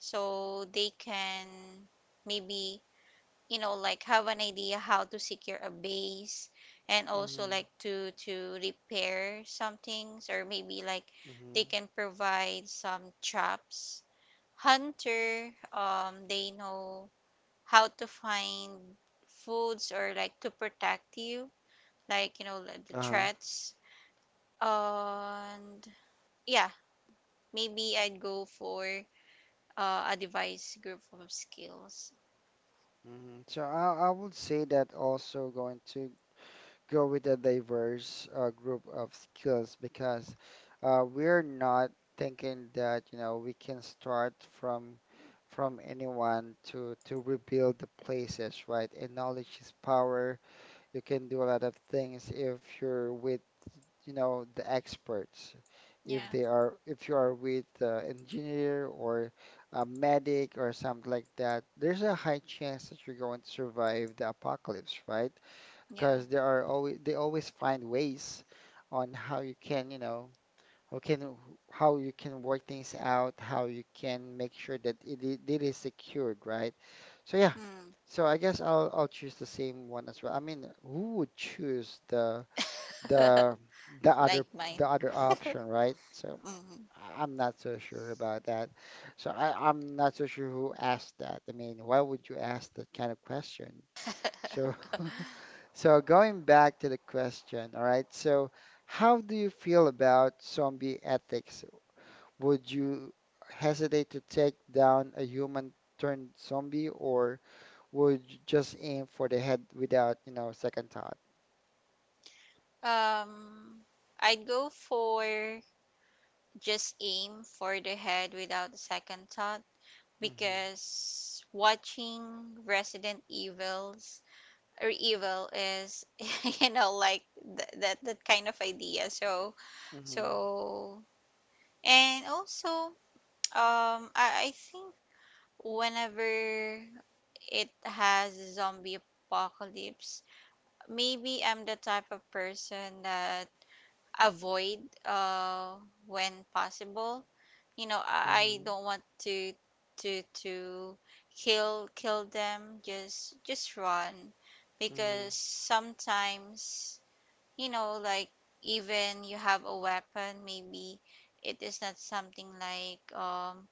Speaker 2: so they can maybe, you know, like have an idea how to secure a base, and also
Speaker 1: mm,
Speaker 2: like to repair some things, or maybe like
Speaker 1: mm,
Speaker 2: they can provide some traps. Hunter, they know how to find foods, or like to protect you, like you know like the
Speaker 1: huh,
Speaker 2: threats. And yeah, maybe I'd go for a device group of skills.
Speaker 1: mm. So I would say that also going to go with a diverse group of skills because we're not thinking that, you know, we can start from anyone to rebuild the places, right? And knowledge is power. You can do a lot of things if you're with, you know, the experts. If
Speaker 2: Yeah,
Speaker 1: they are, if you are with engineer or a medic or something like that, there's a high chance that you're going to survive the apocalypse, right?
Speaker 2: yeah.
Speaker 1: Because there are always they always find ways on how you can, how can how you can work things out, how you can make sure that it, it is secured, right? So yeah,
Speaker 2: Mm,
Speaker 1: so I guess I'll choose the same one as well. I mean, who would choose the the
Speaker 2: like
Speaker 1: other
Speaker 2: mine.
Speaker 1: the other option, right? So
Speaker 2: Hmm.
Speaker 1: I'm not so sure about that. So I'm not so sure who asked that. I mean, why would you ask that kind of question? So so going back to the question, all right. So how do you feel about zombie ethics? Would you hesitate to take down a human turned zombie or would just aim for the head without, second thought.
Speaker 2: Um, I'd go for just aim for the head without a second thought,
Speaker 1: Mm-hmm.
Speaker 2: because watching Resident Evils or Evil is, you know, like that kind of idea. So
Speaker 1: Mm-hmm.
Speaker 2: so and also, I think whenever it has zombie apocalypse, maybe I'm the type of person that avoid uh when possible. You know, I
Speaker 1: Mm-hmm.
Speaker 2: don't want to to to kill, them, just run,
Speaker 1: Mm-hmm.
Speaker 2: because sometimes, you know, like even you have a weapon, maybe it is not something like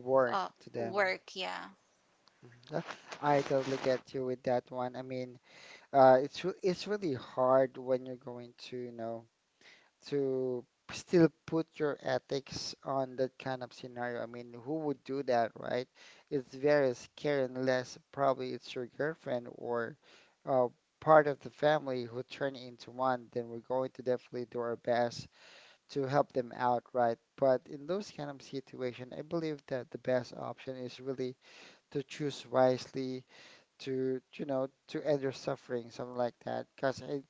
Speaker 1: Work
Speaker 2: uh
Speaker 1: to them.
Speaker 2: work, yeah.
Speaker 1: Mhm. Yeah, I totally get you with that one. I mean, it's really hard when you're going to, you know, to still put your ethics on that kind of scenario. I mean, who would do that, right? It's very scary unless probably it's your girlfriend or uh, part of the family who turn into one, then we're going to definitely do our best to help them out, right? But in those kind of situation, I believe that the best option is really to choose wisely to end your suffering, something like that. Because I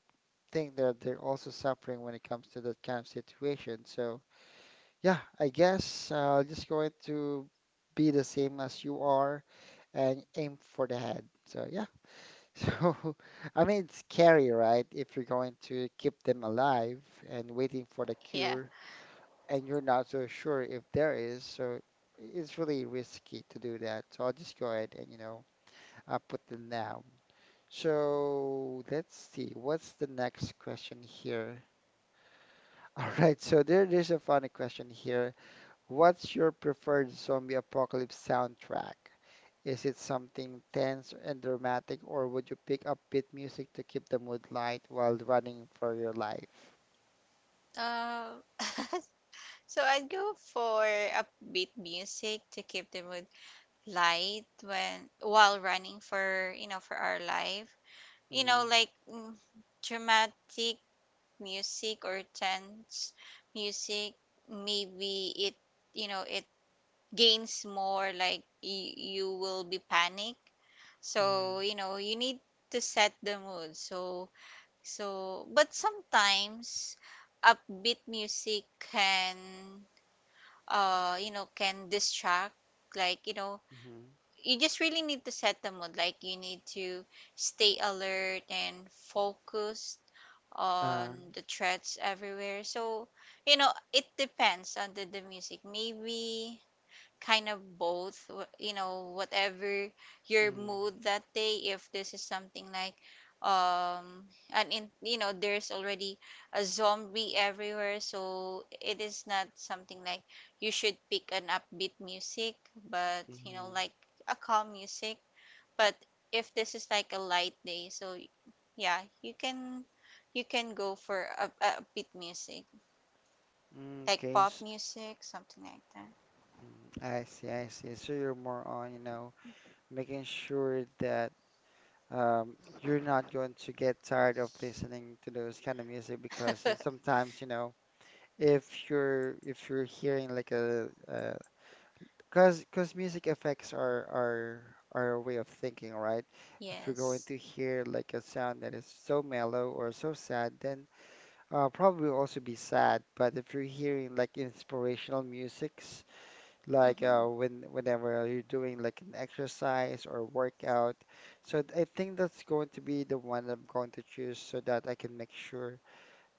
Speaker 1: think that they're also suffering when it comes to that kind of situation. So yeah, I guess just going to be the same as you are and aim for the head. So yeah. So I mean it's scary, right? If you're going to keep them alive and waiting for the
Speaker 2: Yeah.
Speaker 1: cure and you're not so sure if there is, so it's really risky to do that. So I'll just go ahead and I put them down. So let's see, what's the next question here? All right, so there's a funny question here. What's your preferred zombie apocalypse soundtrack? Is it something tense and dramatic, or would you pick upbeat music to keep the mood light while running for your life?
Speaker 2: Um, so I'd go for upbeat music to keep the mood light when while running for, you know, for our life. You
Speaker 1: Mm-hmm.
Speaker 2: know, like mm, dramatic music or tense music. Maybe it, you know, it gains more like you will be panic.
Speaker 1: Mm-hmm.
Speaker 2: So you know you need to set the mood. So so but sometimes upbeat music can you know can distract, like you know,
Speaker 1: Mm-hmm.
Speaker 2: you just really need to set the mood, like you need to stay alert and focused
Speaker 1: Uh,
Speaker 2: on the threats everywhere. So you know it depends on the music. Maybe kind of both, you know, whatever your
Speaker 1: mm,
Speaker 2: mood that day. If this is something like um and in, you know, there's already a zombie everywhere, so it is not something like you should pick an upbeat music, but you know,
Speaker 1: mm-hmm.
Speaker 2: like a calm music. But if this is like a light day, so yeah, you can go for a upbeat music,
Speaker 1: Mm,
Speaker 2: like
Speaker 1: okay.
Speaker 2: pop music, something like
Speaker 1: Mm, I see. I see. So you're more on, making sure that you're not going to get tired of listening to those kind of music because it's
Speaker 2: that.
Speaker 1: sometimes, you know, if you're hearing like a cause music affects our way of thinking, right? If you're going
Speaker 2: Yes.
Speaker 1: to hear like a sound that is so mellow or so sad, then probably will also be sad. But if you're hearing like inspirational musics, like
Speaker 2: Hmm.
Speaker 1: whenever you're doing like an exercise or workout, so I think that's going to be the one I'm going to choose so that I can make sure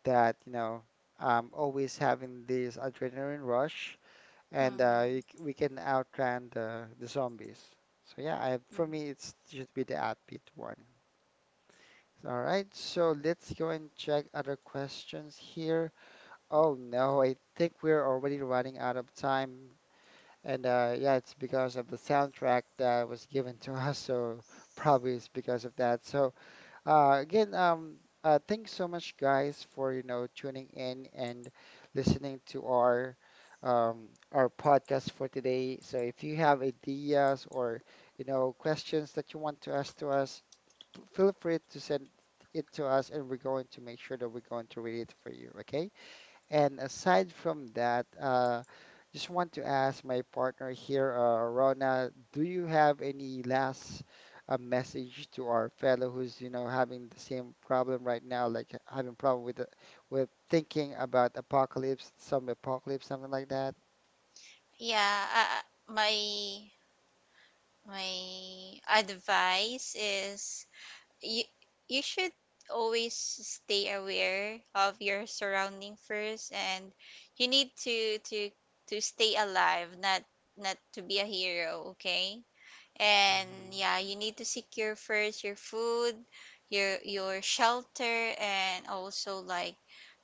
Speaker 1: that I'm always having this adrenaline rush, and
Speaker 2: Mhm,
Speaker 1: we can outrun the zombies. So yeah,
Speaker 2: mhm.
Speaker 1: for me it should be the upbeat one. All right, so let's go and check other questions here. Oh no, I think we're already running out of time. And yeah, it's because of the soundtrack that was given to us, so probably it's because of that. So again, thanks so much, guys, for tuning in and listening to our podcast for today. So if you have ideas or questions that you want to ask to us, feel free to send it to us, and we're going to make sure that we're going to read it for you. Okay. And aside from that, just want to ask my partner here, Rona, do you have any last message to our fellow who's, you know, having the same problem right now, like having problem with thinking about apocalypse, some apocalypse, something like that?
Speaker 2: Yeah, my my advice is you should always stay aware of your surrounding first, and you need to stay alive, not to be a hero, okay? And
Speaker 1: Mm-hmm.
Speaker 2: yeah, you need to secure first your food, your shelter, and also like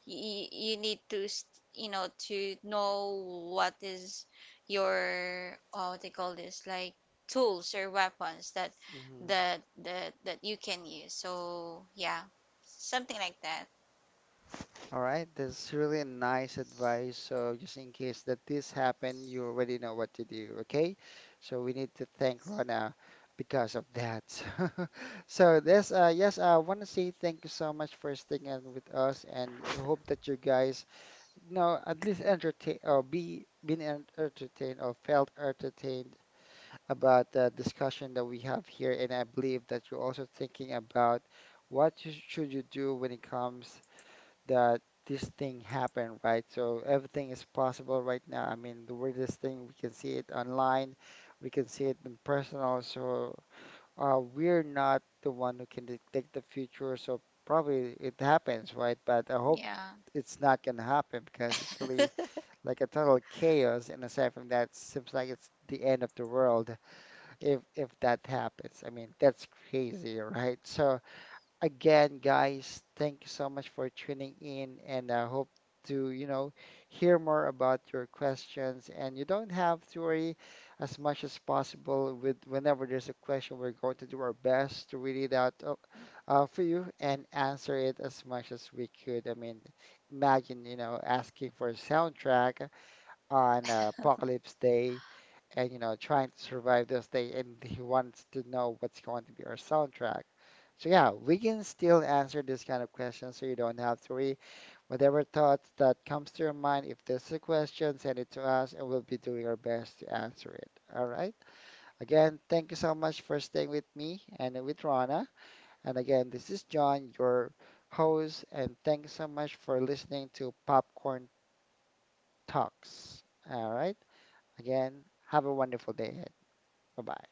Speaker 2: you need to you know, to know what is your, oh, what they call this, like tools or weapons that
Speaker 1: Mm-hmm.
Speaker 2: that you can use. So yeah, something like that.
Speaker 1: All right, that's really nice advice. So just in case that this happened, you already know what to do, okay? So we need to thank Rona because of that. So this, yes, I want to say thank you so much for sticking with us, and I hope that you guys, you know, at least entertain or be been en- entertained or felt entertained about the discussion that we have here. And I believe that you're also thinking about what you, should you do when it comes that this thing happened, right? So everything is possible right now. I mean, the weirdest thing, we can see it online, we can see it in personal. So we're not the one who can detect the future, so probably it happens, right? But I hope
Speaker 2: Yeah.
Speaker 1: it's not gonna happen because it's really like a total chaos. And aside from that, seems like it's the end of the world if that happens. I mean, that's crazy, right? So. Again, guys, thank you so much for tuning in, and I hope to, hear more about your questions. And you don't have to worry as much as possible with whenever there's a question, we're going to do our best to read it out for you and answer it as much as we could. I mean, imagine, asking for a soundtrack on Apocalypse Day and trying to survive this day. And he wants to know what's going to be our soundtrack. So, yeah, we can still answer this kind of question so you don't have to worry. Whatever thoughts that comes to your mind, if there's a question, send it to us and we'll be doing our best to answer it. All right. Again, thank you so much for staying with me and with Rana. And again, this is John, your host, and thanks so much for listening to Popcorn Talks. All right. Again, have a wonderful day ahead. Bye bye.